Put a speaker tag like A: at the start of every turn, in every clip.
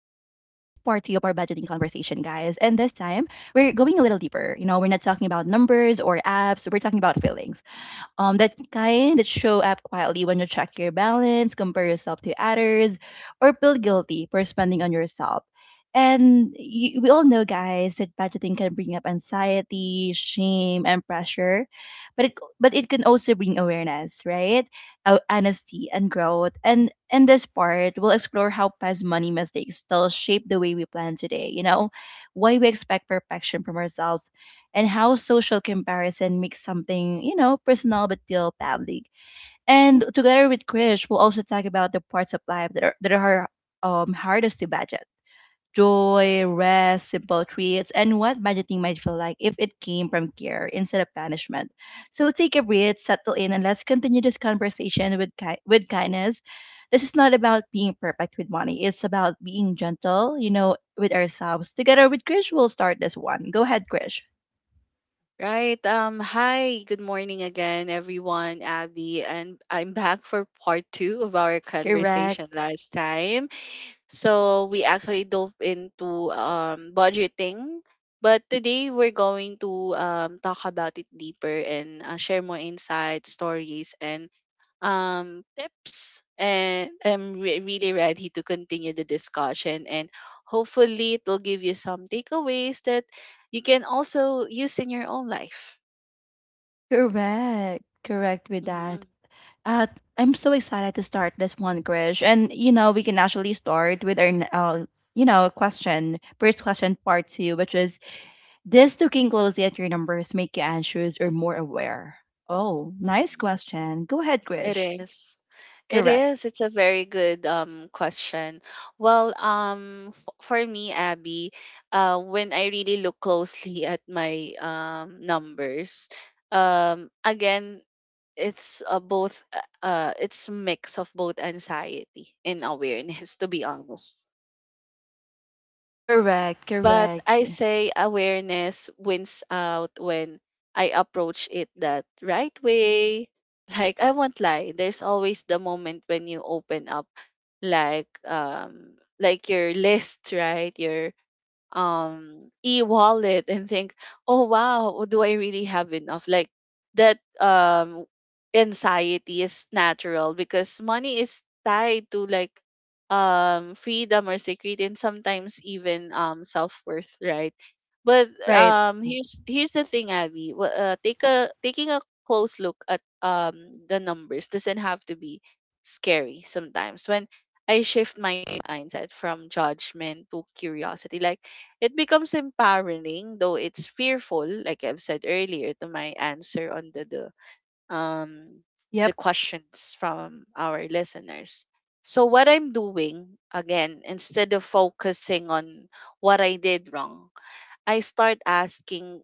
A: guys. And this time, we're going a little deeper. We're not talking about numbers or apps, we're talking about feelings that kind that show up quietly when you check your balance, compare yourself to others, or feel guilty for spending on yourself. And you, we all know, guys, that budgeting can bring up anxiety, shame, and pressure, but it but it can also bring awareness, right? Honesty and growth. And in this part, we'll explore how past money mistakes still shape the way we plan today. Why we expect perfection from ourselves and how social comparison makes something, personal but feel public. And together with Krish, we'll also talk about the parts of life that are hardest to budget. Joy, rest, simple treats, and what budgeting might feel like if it came from care instead of punishment. So take a breath, settle in, and let's continue this conversation with kindness. This is not about being perfect with money. It's about being gentle, with ourselves. Together with Krish, we'll start this one. Go ahead, Krish.
B: Right. Hi, good morning again, everyone, Abby. And I'm back for part two of our conversation
A: Correct.
B: last time. So we actually dove into budgeting, but today we're going to talk about it deeper and share more insights, stories, and tips. And I'm really ready to continue the discussion and hopefully it will give you some takeaways that you can also use in your own life.
A: Correct. Correct with that.
B: Mhm,
A: Uh, I'm so excited to start this one, Krish. And, we can actually start with our, n- you know, question, first question, part two, which is, does looking closely at your numbers make you anxious or more aware? Oh, nice
B: mhm.
A: question. Go ahead,
B: It
A: Krish.
B: is. It
A: Correct.
B: is. It's a very good question. Well, f for me, Abby, when I really look closely at my numbers, again, it's a mix of both anxiety and awareness, to be honest.
A: Correct.
B: But
A: Correct.
B: I say awareness wins out when I approach it that right way. Like I won't lie, there's always the moment when you open up like your list, right? Your e-wallet and think, oh wow, do I really have enough? Like that anxiety is natural because money is tied to like freedom or security and sometimes even self-worth, right? But
A: Right.
B: here's the thing, Abby. Wha- take a taking a close look at the numbers doesn't have to be scary sometimes. When I shift my mindset from judgment to curiosity, like it becomes empowering, though it's fearful, like I've said earlier, to my answer on um the
A: Yep.
B: questions from our listeners. So what I'm doing again, instead of focusing on what I did wrong, I start asking,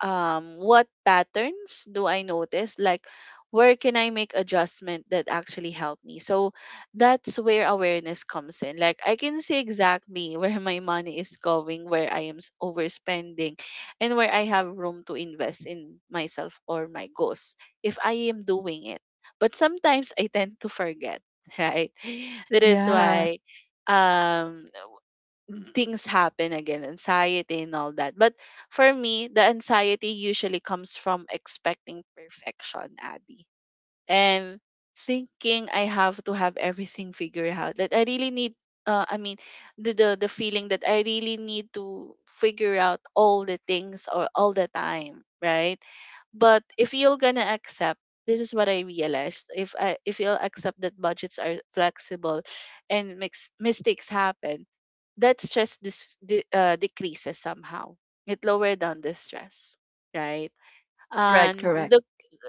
B: what patterns do I notice? Like, where can I make adjustment that actually help me? So that's where awareness comes in. Like, I can see exactly where my money is going, where I am overspending, and where I have room to invest in myself or my goals if I am doing it. But sometimes I tend to forget, right? That is
A: Yeah.
B: why um things happen again, anxiety and all that. But for me, the anxiety usually comes from expecting perfection, Abby, and thinking I have to have everything figured out. That I really need. I mean, the feeling that I really need to figure out all the things or all the time, right? But if you're gonna accept, this is what I realized. If you'll accept that budgets are flexible, and mistakes happen, that stress decreases somehow. It lower down the stress, right?
A: Correct.
B: And
A: Correct.
B: look,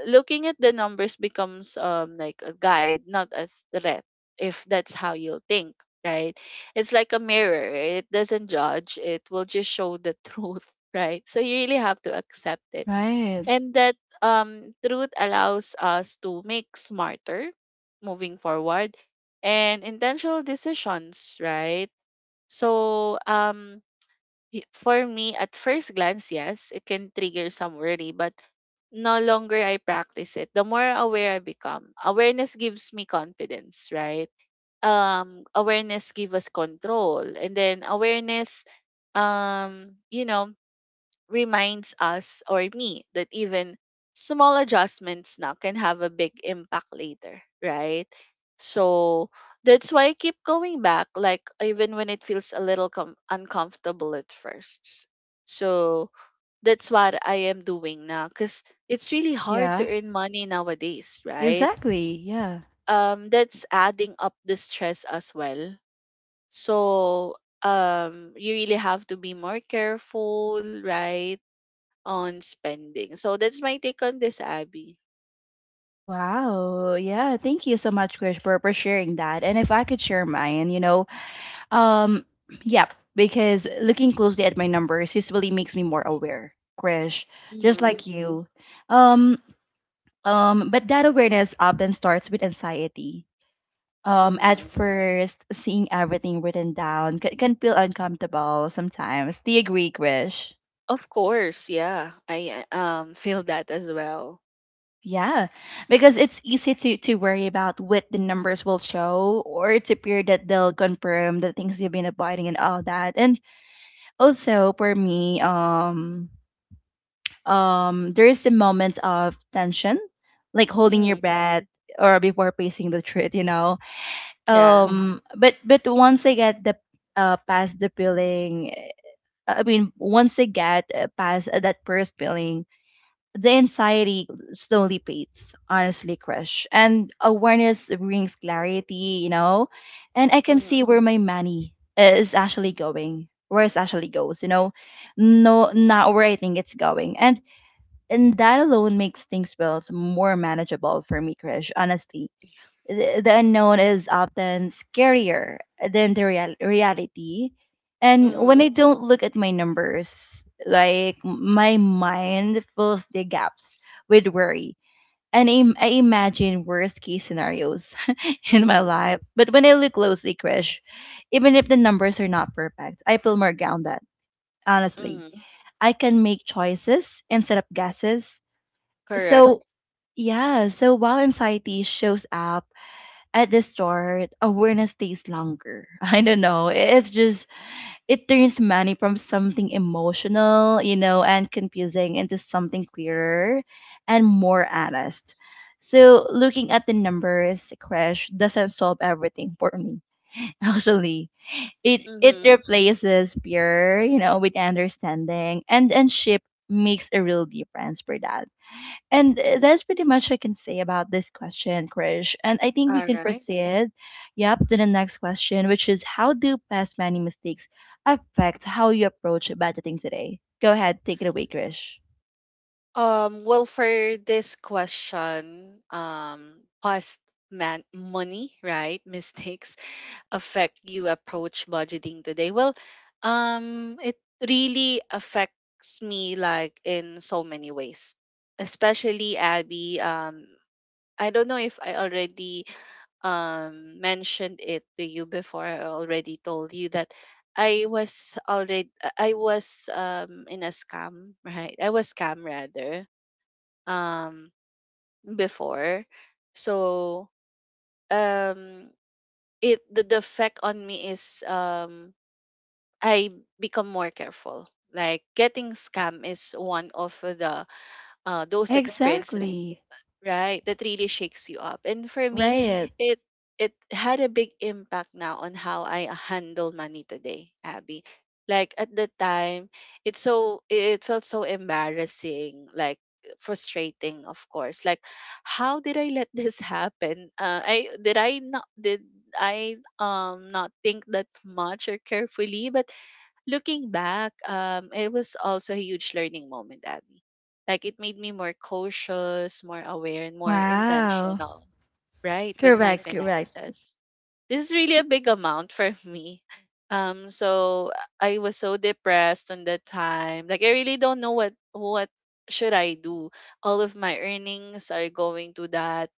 B: looking at the numbers becomes like a guide, not a threat. If that's how you think, right? It's like a mirror. It doesn't judge. It will just show the truth, right? So you really have to accept it,
A: Right.
B: and that truth allows us to make smarter, moving forward, and intentional decisions, right? So, for me, at first glance, yes, it can trigger some worry, but no longer I practice it, the more aware I become. Awareness gives me confidence, right? Awareness gives us control, and then awareness, um, you know, reminds us or me that even small adjustments now can have a big impact later, right? So that's why I keep going back, like even when it feels a little uncomfortable at first. So that's what I am doing now because it's really hard to
A: Yeah.
B: earn money nowadays, right?
A: Exactly. Yeah.
B: That's adding up the stress as well. So you really have to be more careful, right, on spending. So that's my take on this, Abby.
A: Wow. Yeah. Thank you so much, Krish, for sharing that. And if I could share mine, um, yep, because looking closely at my numbers usually makes me more aware, Krish, just
B: Mhm.
A: like you. Um, but that awareness often starts with anxiety. At
B: Mhm.
A: first, seeing everything written down can feel uncomfortable sometimes. Do you agree, Krish?
B: Of course, yeah. I feel that as well.
A: Yeah, because it's easy to worry about what the numbers will show, or it's appear that they'll confirm the things you've been avoiding and all that. And also for me, there is the moment of tension, like holding your
B: Mhm.
A: breath or before facing the truth, you know.
B: Yeah.
A: But once I get the past the feeling, once I get past that first feeling, the anxiety slowly fades, honestly, Krish. And awareness brings clarity, you know? And I can see
B: Mhm.
A: where my money is actually going, where it actually goes, you know?
B: Mhm.
A: No, not where I think it's going. And that alone makes things feel more manageable for me, Krish, honestly the unknown is often scarier than the reality. And when I
B: Mhm.
A: don't look at my numbers, like my mind fills the gaps with worry. And I imagine worst case scenarios in my
B: Mhm.
A: life. But when I look closely, Krish, even if the numbers are not perfect, I feel more grounded, honestly.
B: Mhm.
A: I can make choices instead of guesses.
B: Correct.
A: So, yeah, so while anxiety shows up, at the start, awareness stays longer. I don't know. It's just, it turns money from something emotional, you know, and confusing into something clearer and more honest. So, looking at the numbers, Crash doesn't solve everything for me. Actually, it
B: Mhm.
A: replaces fear, you know, with understanding, and ship makes a real difference for that. And
B: Mhm.
A: that's pretty much I can say about this question, Krish. And I think we
B: All
A: can
B: right.
A: proceed, yep, to the next question, which is how do past money mistakes affect how you approach budgeting today? Go ahead, take it away, Krish.
B: Well, for this question, past man money, right? Mistakes affect you approach budgeting today? Well, it really affects me like in so many ways, especially Abby. I don't know if I already mentioned it to you before. I already told you that I was already I was in a scam, right? I was scam rather um before, so um the effect on me is I become more careful. Like getting scam is one of the those experiences,
A: Exactly.
B: right? That really shakes you up. And for me,
A: Right.
B: it it had a big impact now on how I handle money today, Abby. Like at the time, it felt so embarrassing, like frustrating, of course. Like, how did I let this happen? I did I not think that much or carefully, but looking back, it was also a huge learning moment, Abby. Like it made me more cautious, more aware, and more
A: Wow.
B: intentional, right, with my
A: Correct, correct,
B: finances. This is really a big amount for me. So I was so depressed on that time. Like I really don't know what should I do. All of my earnings are going to that,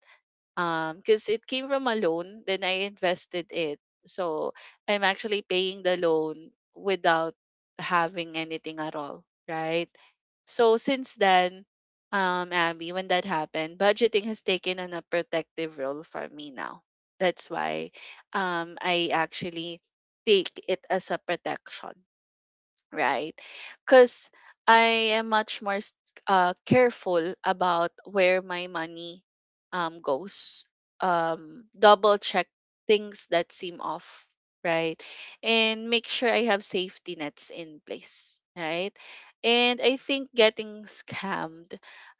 B: because it came from a loan, then I invested it. So I'm actually paying the loan without having anything at all, right? So since then, Abby, when that happened, budgeting has taken on a protective role for me now. That's why I actually take it as a protection, right? Because I am much more careful about where my money, goes. Double check things that seem off, right? And make sure I have safety nets in place, right? And I think getting scammed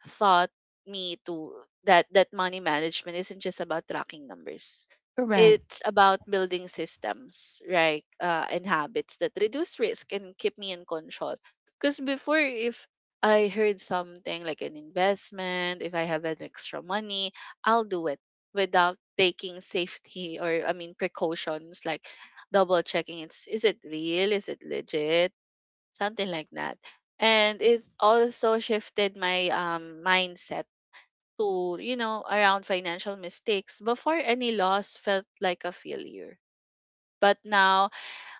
B: taught me to that that money management isn't just about tracking numbers,
A: correct.
B: it's about building systems, right? And habits that reduce risk and keep me in control. Because before, if I heard something like an investment, if I have an extra money, I'll do it without taking safety or, I mean, precautions like double checking, it's is it real? Is it legit? Something like that. And it's also shifted my mindset, around financial mistakes, before any loss felt like a failure. But now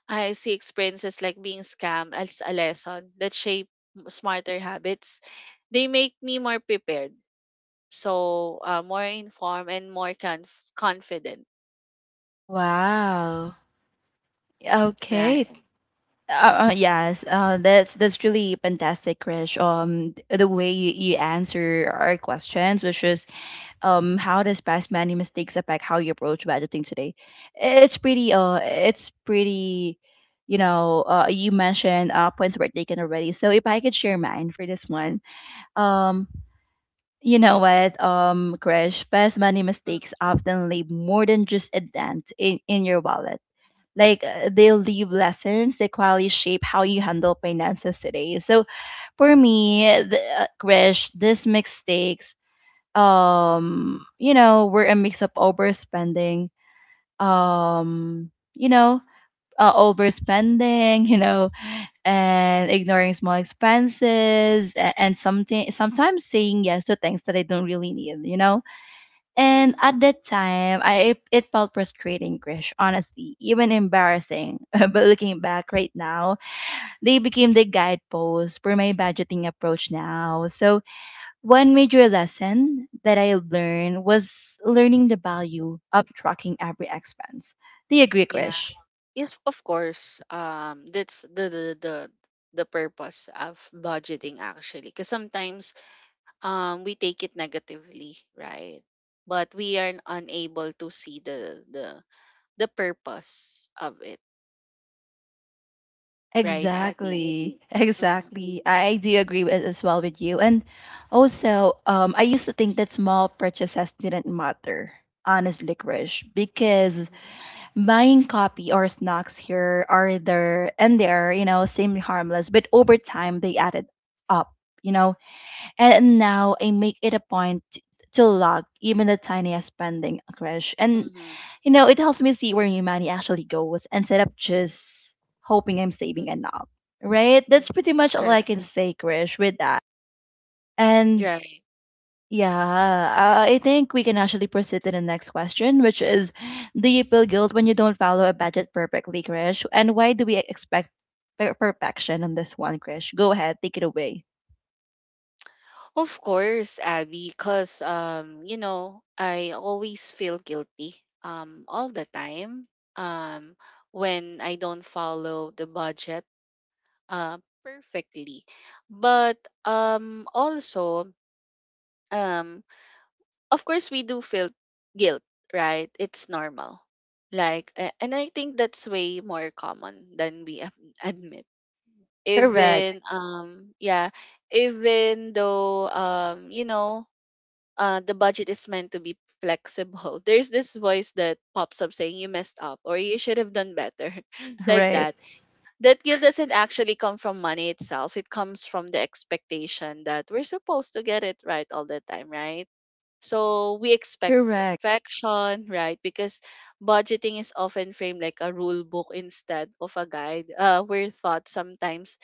B: I see experiences like being scammed as a lesson that shape smarter habits. They make me more prepared, so more informed and more confident.
A: Wow. Okay.
B: Right.
A: Yes, that's really fantastic, Krish. The way you answer our questions, which is how does past many mistakes affect how you approach budgeting today, it's pretty you know you mentioned points were taken already, so if I could share mine for this one, um you know what, crash, past money mistakes
B: Mhm.
A: often leave more than just a dent in your wallet. Like they leave lessons that quality shape how you handle finances today. So for me the, crash these mistakes you know we're a mix of overspending, um you know overspending, you know, and ignoring small expenses, and something sometimes saying yes to things that I don't really need, you know. And
B: Mhm.
A: at that time I it felt frustrating, Krish, honestly, even embarrassing, but looking back right now, they became the guideposts for my budgeting approach now. So one major lesson that I learned was learning the value of tracking every expense. Do you agree,
B: Yeah.
A: Krish?
B: Yes, of course. That's the purpose of budgeting actually. Because sometimes we take it negatively, right? But we are unable to see the purpose of it, right, Abby?
A: Exactly,
B: Mm-hmm.
A: exactly. I do agree with, as well with you. And also, I used to think that small purchases didn't matter, honestly, Krish, because
B: Mm-hmm.
A: buying coffee or snacks here are there and they're, you know, seem harmless, but over time they added up. You know, and now I make it a point to log even the tiniest spending, crash. And
B: Mm-hmm.
A: you know, it helps me see where my money actually goes instead of just hoping I'm saving enough. Right? That's
B: Mm-hmm.
A: pretty much all I
B: Correct.
A: can say, Krish, with that. And
B: Right.
A: yeah, I think we can actually proceed to the next question, which is, do you feel guilt when you don't follow a budget perfectly, Krish? And why do we expect perfection on this one, Krish? Go ahead, take it away.
B: Of course, Abby, because I always feel guilty all the time, um when I don't follow the budget perfectly, but also, um of course we do feel guilt, right? It's normal, like, and I think that's way more common than we admit.
A: Correct.
B: Even, yeah, even though, the budget is meant to be flexible, there's this voice that pops up saying you messed up or you should have done better. Like
A: Right.
B: that guilt doesn't actually come from money itself, it comes from the expectation that we're supposed to get it right all the time, right? So we expect
A: Correct.
B: perfection, right? Because budgeting is often framed like a rule book instead of a guide. We're taught sometimes,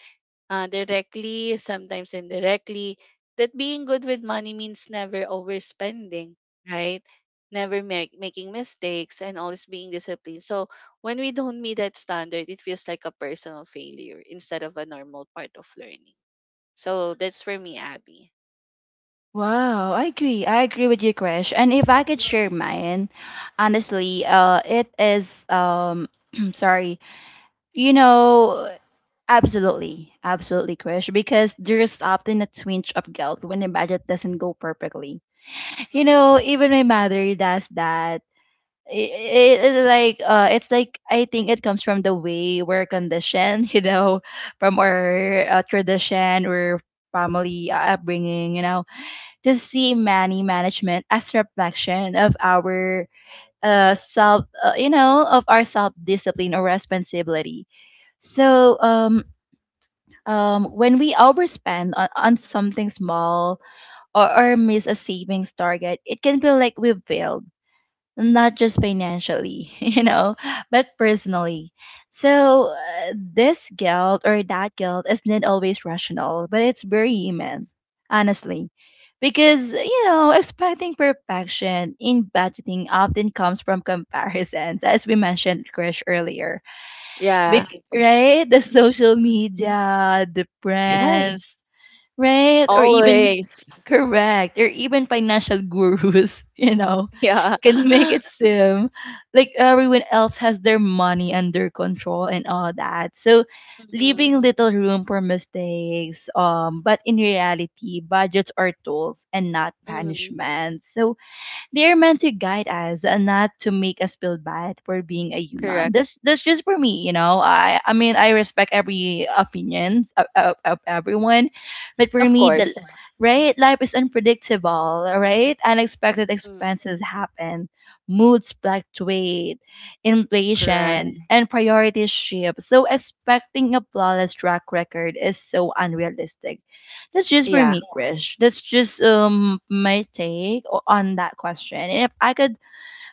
B: directly, sometimes indirectly, that being good with money means never overspending, right? Never making mistakes and always being disciplined. So when we don't meet that standard, it feels like a personal failure instead of a normal part of learning. So that's for me, Abby.
A: Wow, I agree. I agree with you, Krish. And if I could share
B: Hmm.
A: mine, honestly, it is sorry, you know, absolutely, absolutely, Krish, because there's often a twinge of guilt when the budget doesn't go perfectly. You
B: Hmm.
A: know, even my mother does that. It's like it's like I think it comes from the way we're conditioned, you know, from our tradition or family upbringing, you know, to see money management as reflection of our you know, of our self discipline or responsibility. So when we overspend on something small, or miss a savings target, it can feel like we've failed, not just financially, you know, but personally. So this guilt or that guilt isn't always rational, but it's very human, honestly. Because, you know, expecting perfection in budgeting often comes from comparisons, as we mentioned, Krish, earlier. Bec-
B: Yeah.
A: Yeah. Right? The social media, the friends,
B: Yes,
A: right? Or even,
B: always.
A: correct, or even financial gurus, you know,
B: Yeah.
A: can make it seem like everyone else has their money under control and all that. So
B: Mm-hmm.
A: leaving little room for mistakes. But in reality, budgets are tools and not
B: Mm-hmm.
A: punishments. So they are meant to guide us and not to make us feel bad for being a human.
B: Correct.
A: That's just for me, you know. I mean I respect every opinions of everyone, but for
B: Of
A: me, of the course.
B: course.
A: Right, life is unpredictable, right? Unexpected
B: Mm,
A: expenses happen, moods fluctuate,
B: correct.
A: inflation, correct, and priorities shift. So expecting a flawless track record is so unrealistic. That's just for
B: Yeah.
A: me, Krish. That's just my take on that question. And if I could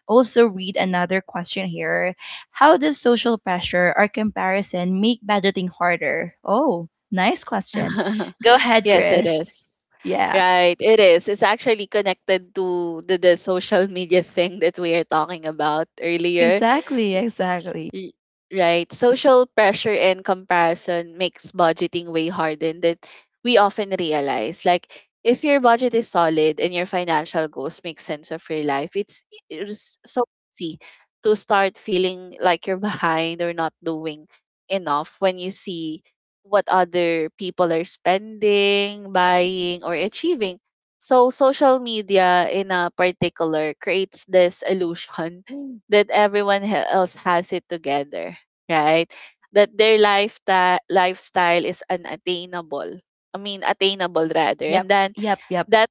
A: also read another question here, how does social pressure or comparison make budgeting harder? Oh, nice question. Go ahead,
B: Yes, it
A: Krish.
B: is.
A: Yeah,
B: Right, it is. It's actually connected to the social media thing that we are talking about earlier.
A: exactly, exactly.
B: Y- Right. Social pressure and comparison makes budgeting way harder than we often realize. Like if your budget is solid and your financial goals make sense of your life, it's so easy to start feeling like you're behind or not doing enough when you see what other people are spending, buying, or achieving. So social media in a particular creates this illusion that everyone else has it together, right? That their lifestyle is unattainable. I mean attainable rather. And
A: Yep,
B: then
A: yep, yep.
B: that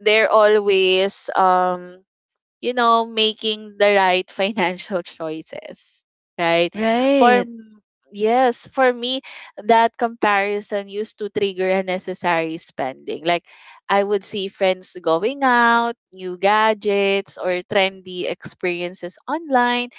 B: they're always, making the right financial choices, right? For
A: Right,
B: m- yes, for me, that comparison used to trigger unnecessary spending. Like I would see friends going out, new gadgets, or trendy experiences online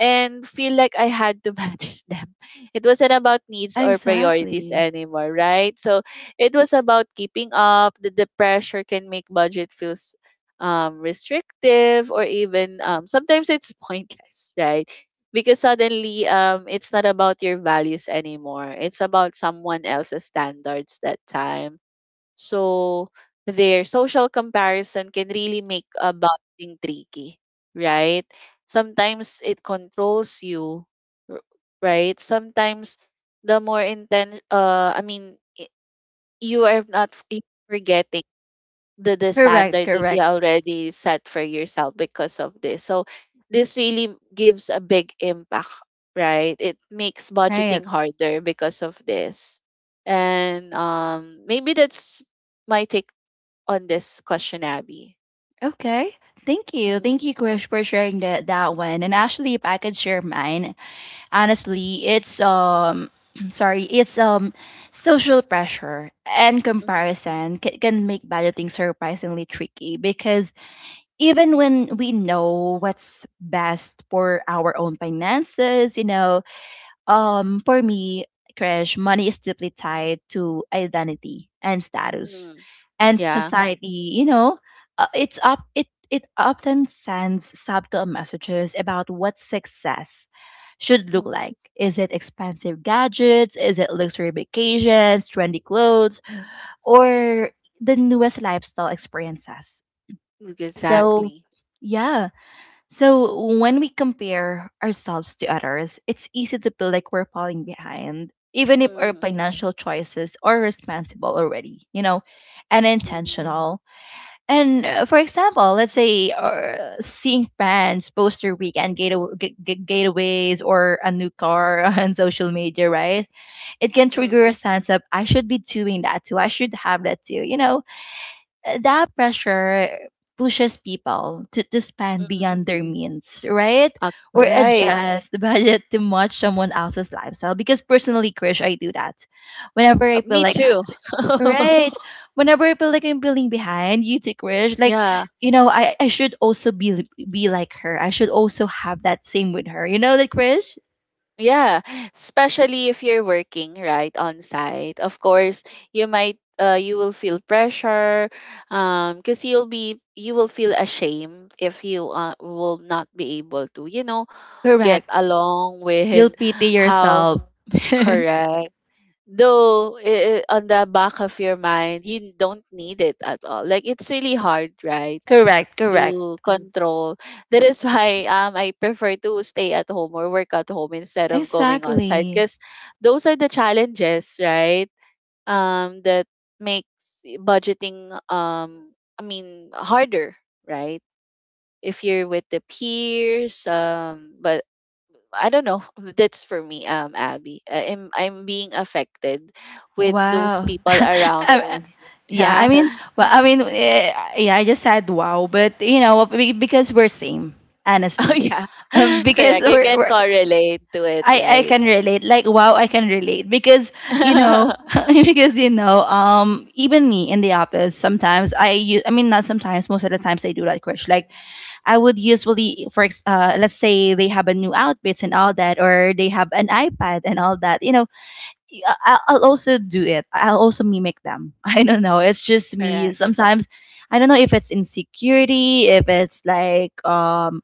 B: and feel like I had to match them. It wasn't about needs or priorities
A: exactly.
B: anymore, right? So it was about keeping up. The pressure can make budget feels, restrictive or even, sometimes it's pointless, right? Because suddenly, it's not about your values anymore. It's about someone else's standards that time. So their social comparison can really make a bonding tricky, right? Sometimes it controls you, r- right? Sometimes the more intense, I mean, you are not f- you forgetting the
A: Correct,
B: standard that you
A: correct.
B: already set for yourself because of this. So this really gives a big impact, right? It makes
A: Right.
B: budgeting harder because of this. And maybe that's my take on this question, Abby.
A: Okay. Thank you.
B: Mm-hmm.
A: Thank you, Krish, for sharing that that one. And actually, if I could share mine, honestly it's sorry, it's um, social pressure and
B: Mm-hmm.
A: comparison can make budgeting surprisingly tricky, because even when we know what's best for our own finances, you know, for me, crash, money is deeply tied to identity and status
B: Mm-hmm.
A: and
B: Yeah.
A: society, you know, it's up it it often sends subtle messages about what success should look
B: Mm-hmm.
A: like. Is it expensive gadgets, is it luxury vacations, trendy clothes, or the newest lifestyle experiences? So
B: Exactly.
A: yeah, so when we compare ourselves to others, it's easy to feel like we're falling behind, even if our
B: Mm-hmm.
A: financial choices are responsible already, you know, and
B: Mm-hmm.
A: intentional. And for example, let's say seeing friends post their weekend getaways or a new car on social media, right? It can trigger
B: Mm-hmm.
A: a sense of, I should be doing that too. I should have that too, you know, that pressure pushes people to spend
B: Mm-hmm.
A: beyond their means, right?
B: Uh,
A: Or
B: right.
A: adjust the budget to match someone else's lifestyle. Because personally, Krish, I do that. Whenever I feel
B: Me
A: like,
B: too.
A: right, whenever I feel like I'm feeling behind, you too, Krish, like,
B: Yeah.
A: you know, I should also be like her. I should also have that same with her. You know that, Krish?
B: Yeah. Especially if you're working right on site. Of course, you might you will feel pressure because you will feel ashamed if you will not be able to, you know, get
A: Correct.
B: along
A: You'll
B: with
A: pity
B: how.
A: yourself.
B: Correct, though on the back of your mind you don't need it at all, like it's really hard, right,
A: Correct, correct.
B: to control. That is why I prefer to stay at home or work at home instead of going on site,
A: Exactly.
B: because those are the challenges, right? That makes budgeting harder, right, if you're with the peers, but I don't know. That's for me, Abby. I'm being affected with those
A: Wow.
B: people
A: Yeah.
B: around me.
A: Yeah. Yeah, I
B: Yeah.
A: mean, well, I mean, eh, yeah, I just said wow, but because we're same,
B: Oh
A: honestly.
B: yeah.
A: Because
B: Correct. You
A: we're,
B: can
A: we're
B: correlate to it,
A: I
B: right?
A: can relate. Like wow, I can relate because you know, even me in the office, sometimes I use I mean not sometimes, most of the times I do that crush. Like I would usually let's say they have a new outfits and all that, or they have an iPad and all that. You know, yeah, I'll also do it. I'll also mimic them. I don't know. It's just me.
B: Correct.
A: Sometimes I don't know if it's insecurity, if it's like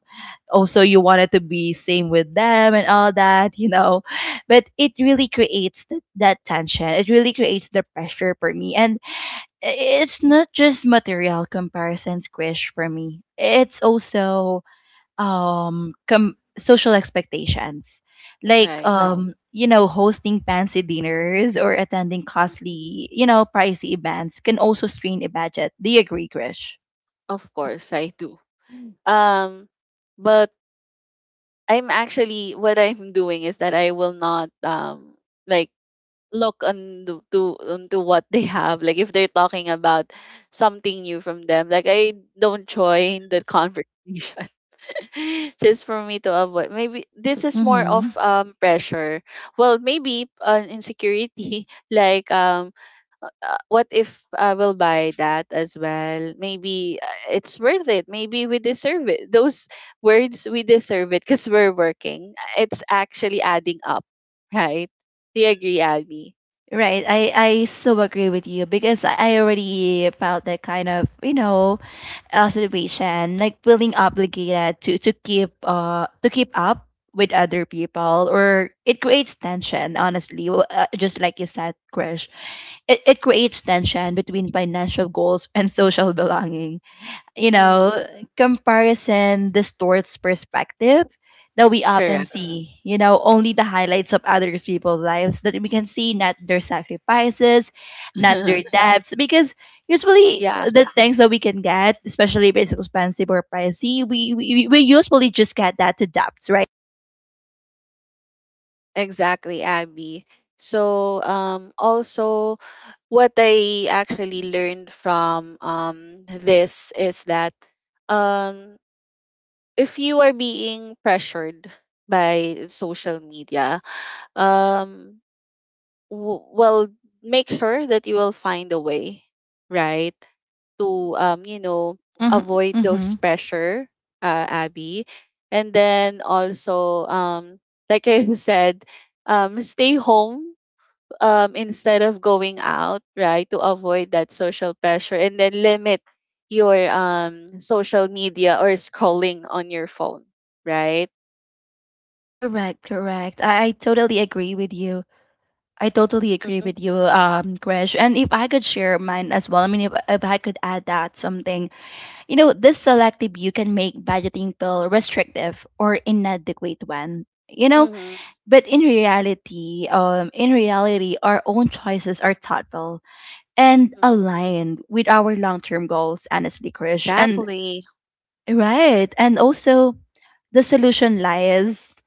A: also you wanted to be same with them and all that, you know. But it really creates that tension. It really creates the pressure for me. And i- it's not just material comparisons, Krish, for me. It's also social expectations like. Right.
B: Right.
A: You know, hosting fancy dinners or attending
B: Mhm.
A: costly, you know, pricey events can also strain a budget. Do you agree, Krish?
B: Of course, I do. Mm. But I'm actually what I'm doing is that I will not like look on the, to onto what they have. Like if they're talking about something new from them, like I don't join the conversation, just for me to avoid. Maybe this is more of
A: Mm-hmm.
B: pressure, well maybe an insecurity. Like what if I will buy that as well? Maybe it's worth it. Maybe we deserve it. Those words, we deserve it because we're working. It's actually adding up, right? Do you agree, Abby?
A: Right. I so agree with you because I already felt that kind of, you know, situation, like feeling obligated to keep to keep up with other people, or it creates tension. Honestly, just like you said, Krish, it creates tension between financial goals and social belonging, you
B: Mm-hmm.
A: know, comparison distorts perspective that we often
B: Correct.
A: see, you know, only the highlights of others people's lives that we can see, not their sacrifices, not their debts, because usually
B: Yeah,
A: the things that we can get, especially if it's expensive or pricey, we usually just get that to debts, right?
B: exactly, Abby. So, also, what I actually learned from this is that um, if you are being pressured by social media, um, well, make sure that you will find a way, right, to
A: Mm-hmm.
B: avoid
A: Mm-hmm.
B: those pressure, Abby. And then also like I said, stay home, instead of going out, right, to avoid that social pressure, and then limit your social media or scrolling on your phone, right?
A: Correct, correct. I totally agree with you. I totally agree
B: Mm-hmm.
A: with you, Krish. And if I could share mine as well, I mean, if I could add that something, you know, this selective view can make budgeting feel restrictive or inadequate one. You know,
B: Mm-hmm.
A: but in reality, our own choices are thoughtful and
B: Mm-hmm.
A: aligned with our long-term goals. Honestly, Krish, and
B: Exactly.
A: right, and also the solution lies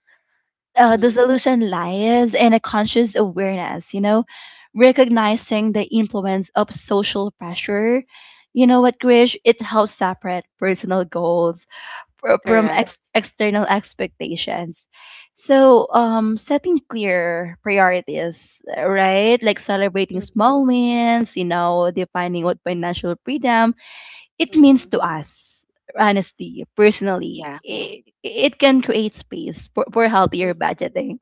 A: the
B: Mm-hmm.
A: solution lies in a conscious awareness, you know, recognizing the influence of social pressure. You know what, Krish? It helps separate personal goals from
B: Correct.
A: external expectations. So, setting clear priorities, right? Like celebrating
B: Mm-hmm.
A: small wins, you know, defining what financial freedom it means
B: Mm-hmm.
A: to us, honestly, personally.
B: Yeah.
A: It can create space for healthier budgeting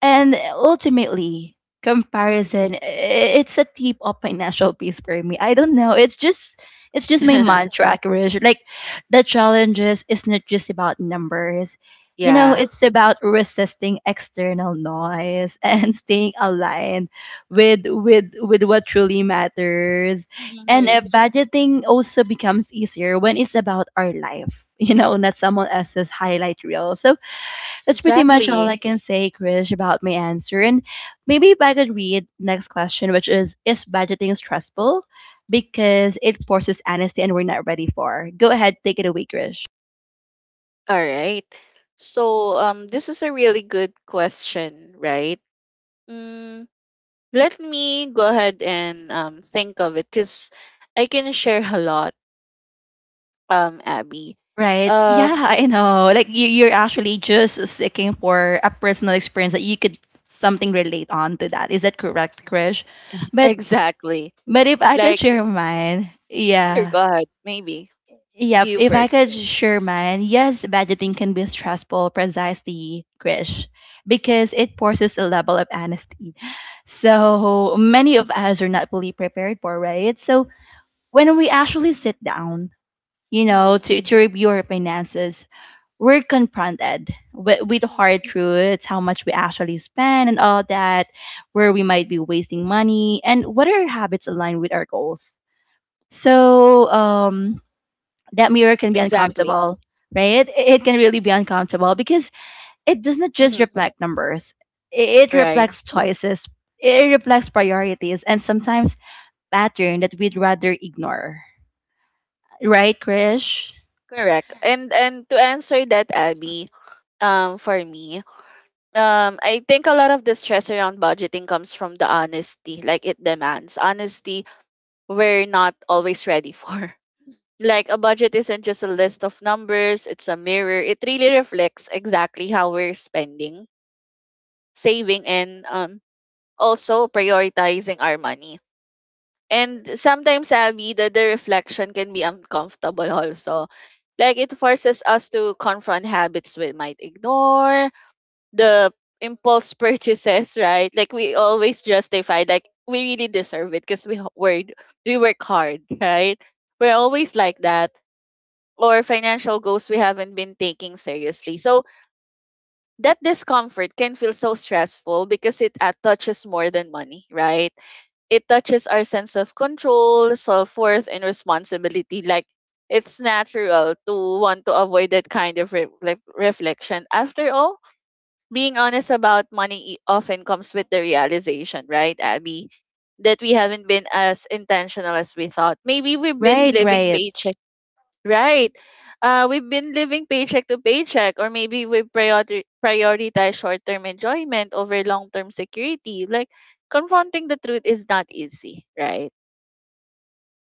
A: and ultimately,
B: Mm-hmm.
A: comparison it's a tip of financial peace for me. I don't know. It's just my mantra, Krish. Like the challenges is not just about numbers. You know,
B: Yeah.
A: it's about resisting external noise and staying aligned with with what truly matters. And
B: Mm-hmm.
A: budgeting also becomes easier when it's about our life, you know, not someone else's highlight reel. So that's pretty much all
B: Exactly.
A: I can say, Krish, about my answer. And maybe if I could read next question, which is: Is budgeting stressful? Because it forces honesty and we're not ready for. Go ahead, take it away, Krish.
B: All right. So this is a really good question, right? Mm, let me go ahead and think of it, because I can share a lot, Abby.
A: Right.
B: Um
A: Yeah, I know. Like you're actually just seeking for a personal experience that you could something relate on to that. Is that correct, Krish? But
B: exactly.
A: but if I could
B: Like
A: share mine,
B: sure,
A: yeah.
B: go ahead, maybe.
A: Yep,
B: You
A: if I
B: 1st.
A: could share mine, yes, budgeting can be stressful, precisely, Krish, because it forces a level of honesty. So many of us are not fully prepared for, right? So when we actually sit down, you know,
B: Mm-hmm.
A: to review our finances, we're confronted with hard
B: Mm-hmm.
A: truths, how much we actually spend and all that, where we might be wasting money, and what are habits align with our goals. So, that mirror can be
B: Exactly.
A: uncomfortable, right? It can really be uncomfortable because it does not just
B: Mm-hmm.
A: reflect numbers, it
B: Right.
A: reflects choices, it reflects priorities, and sometimes pattern that we'd rather ignore. Right, Krish?
B: Correct. And to answer that, Abby, for me. I think a lot of the stress around budgeting comes from the honesty, like it demands honesty we're not always ready for. Like a budget isn't just a list of numbers, it's a mirror. It really reflects exactly how we're spending, saving, and also prioritizing our money. And sometimes, Abby, the reflection can be uncomfortable also. Like it forces us to confront habits we might ignore, the impulse purchases, right? Like we always justify, like we really deserve it because worked we work hard, right? We're always like that. Or financial goals we haven't been taking seriously. So that discomfort can feel so stressful because it touches more than money, right? It touches our sense of control, self worth, and responsibility. Like it's natural to want to avoid that kind of reflection. After all, being honest about money often comes with the realization, right, Abby, that we haven't been as intentional as we thought. Maybe we've been
A: Right, mm,
B: living
A: right,
B: paycheck, right? We've been living paycheck to paycheck, or maybe we prioritize short term enjoyment over long term security. Like, confronting the truth is not easy, right?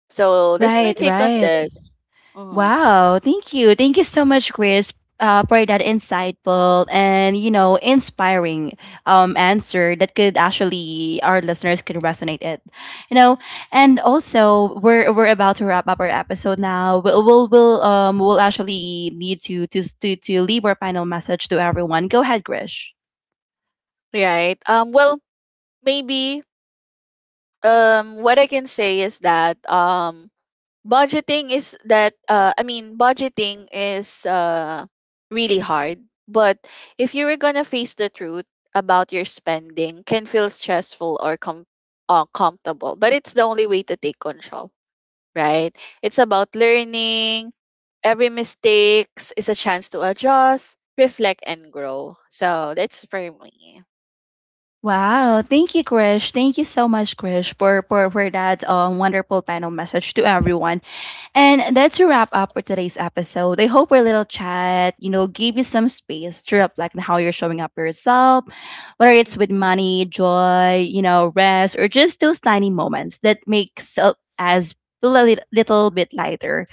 B: So, that's my
A: right,
B: take on
A: right.
B: this. Mhm.
A: Wow, thank you. Thank you so much, Chris, for that insightful and, you know, inspiring answer that could actually our listeners could resonate it. You know, and also we're about to wrap up our episode now. We'll actually need to leave our final message to everyone. Go ahead, Grish.
B: Right. Well, maybe what I can say is that budgeting is that I mean budgeting is really hard, but if you were gonna face the truth about your spending, can feel stressful or comfortable, but it's the only way to take control, right? It's about learning. Every mistakes is a chance to adjust, reflect and grow. So that's for me.
A: Wow, thank you, Krish. Thank you so much, Krish, for that wonderful panel message to everyone. And that's a wrap up for today's episode. I hope our little chat, you know, gave you some space to reflect on how you're showing up for yourself, whether it's with
B: Mm-hmm.
A: money, joy, you know, rest, or just those tiny moments that makes us feel a little bit lighter.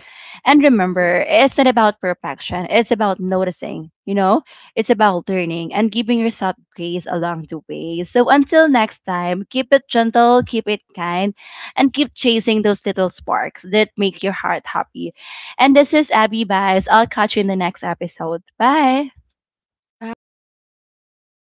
A: And
B: Mm-hmm.
A: remember, it's not about perfection. It's about noticing, you know, it's about learning and giving yourself grace along the way. So until next time, keep it gentle, keep it kind, and keep chasing those little sparks that make your heart happy. And this is Abby Baez. I'll catch you in the next episode. Bye.
B: Bye.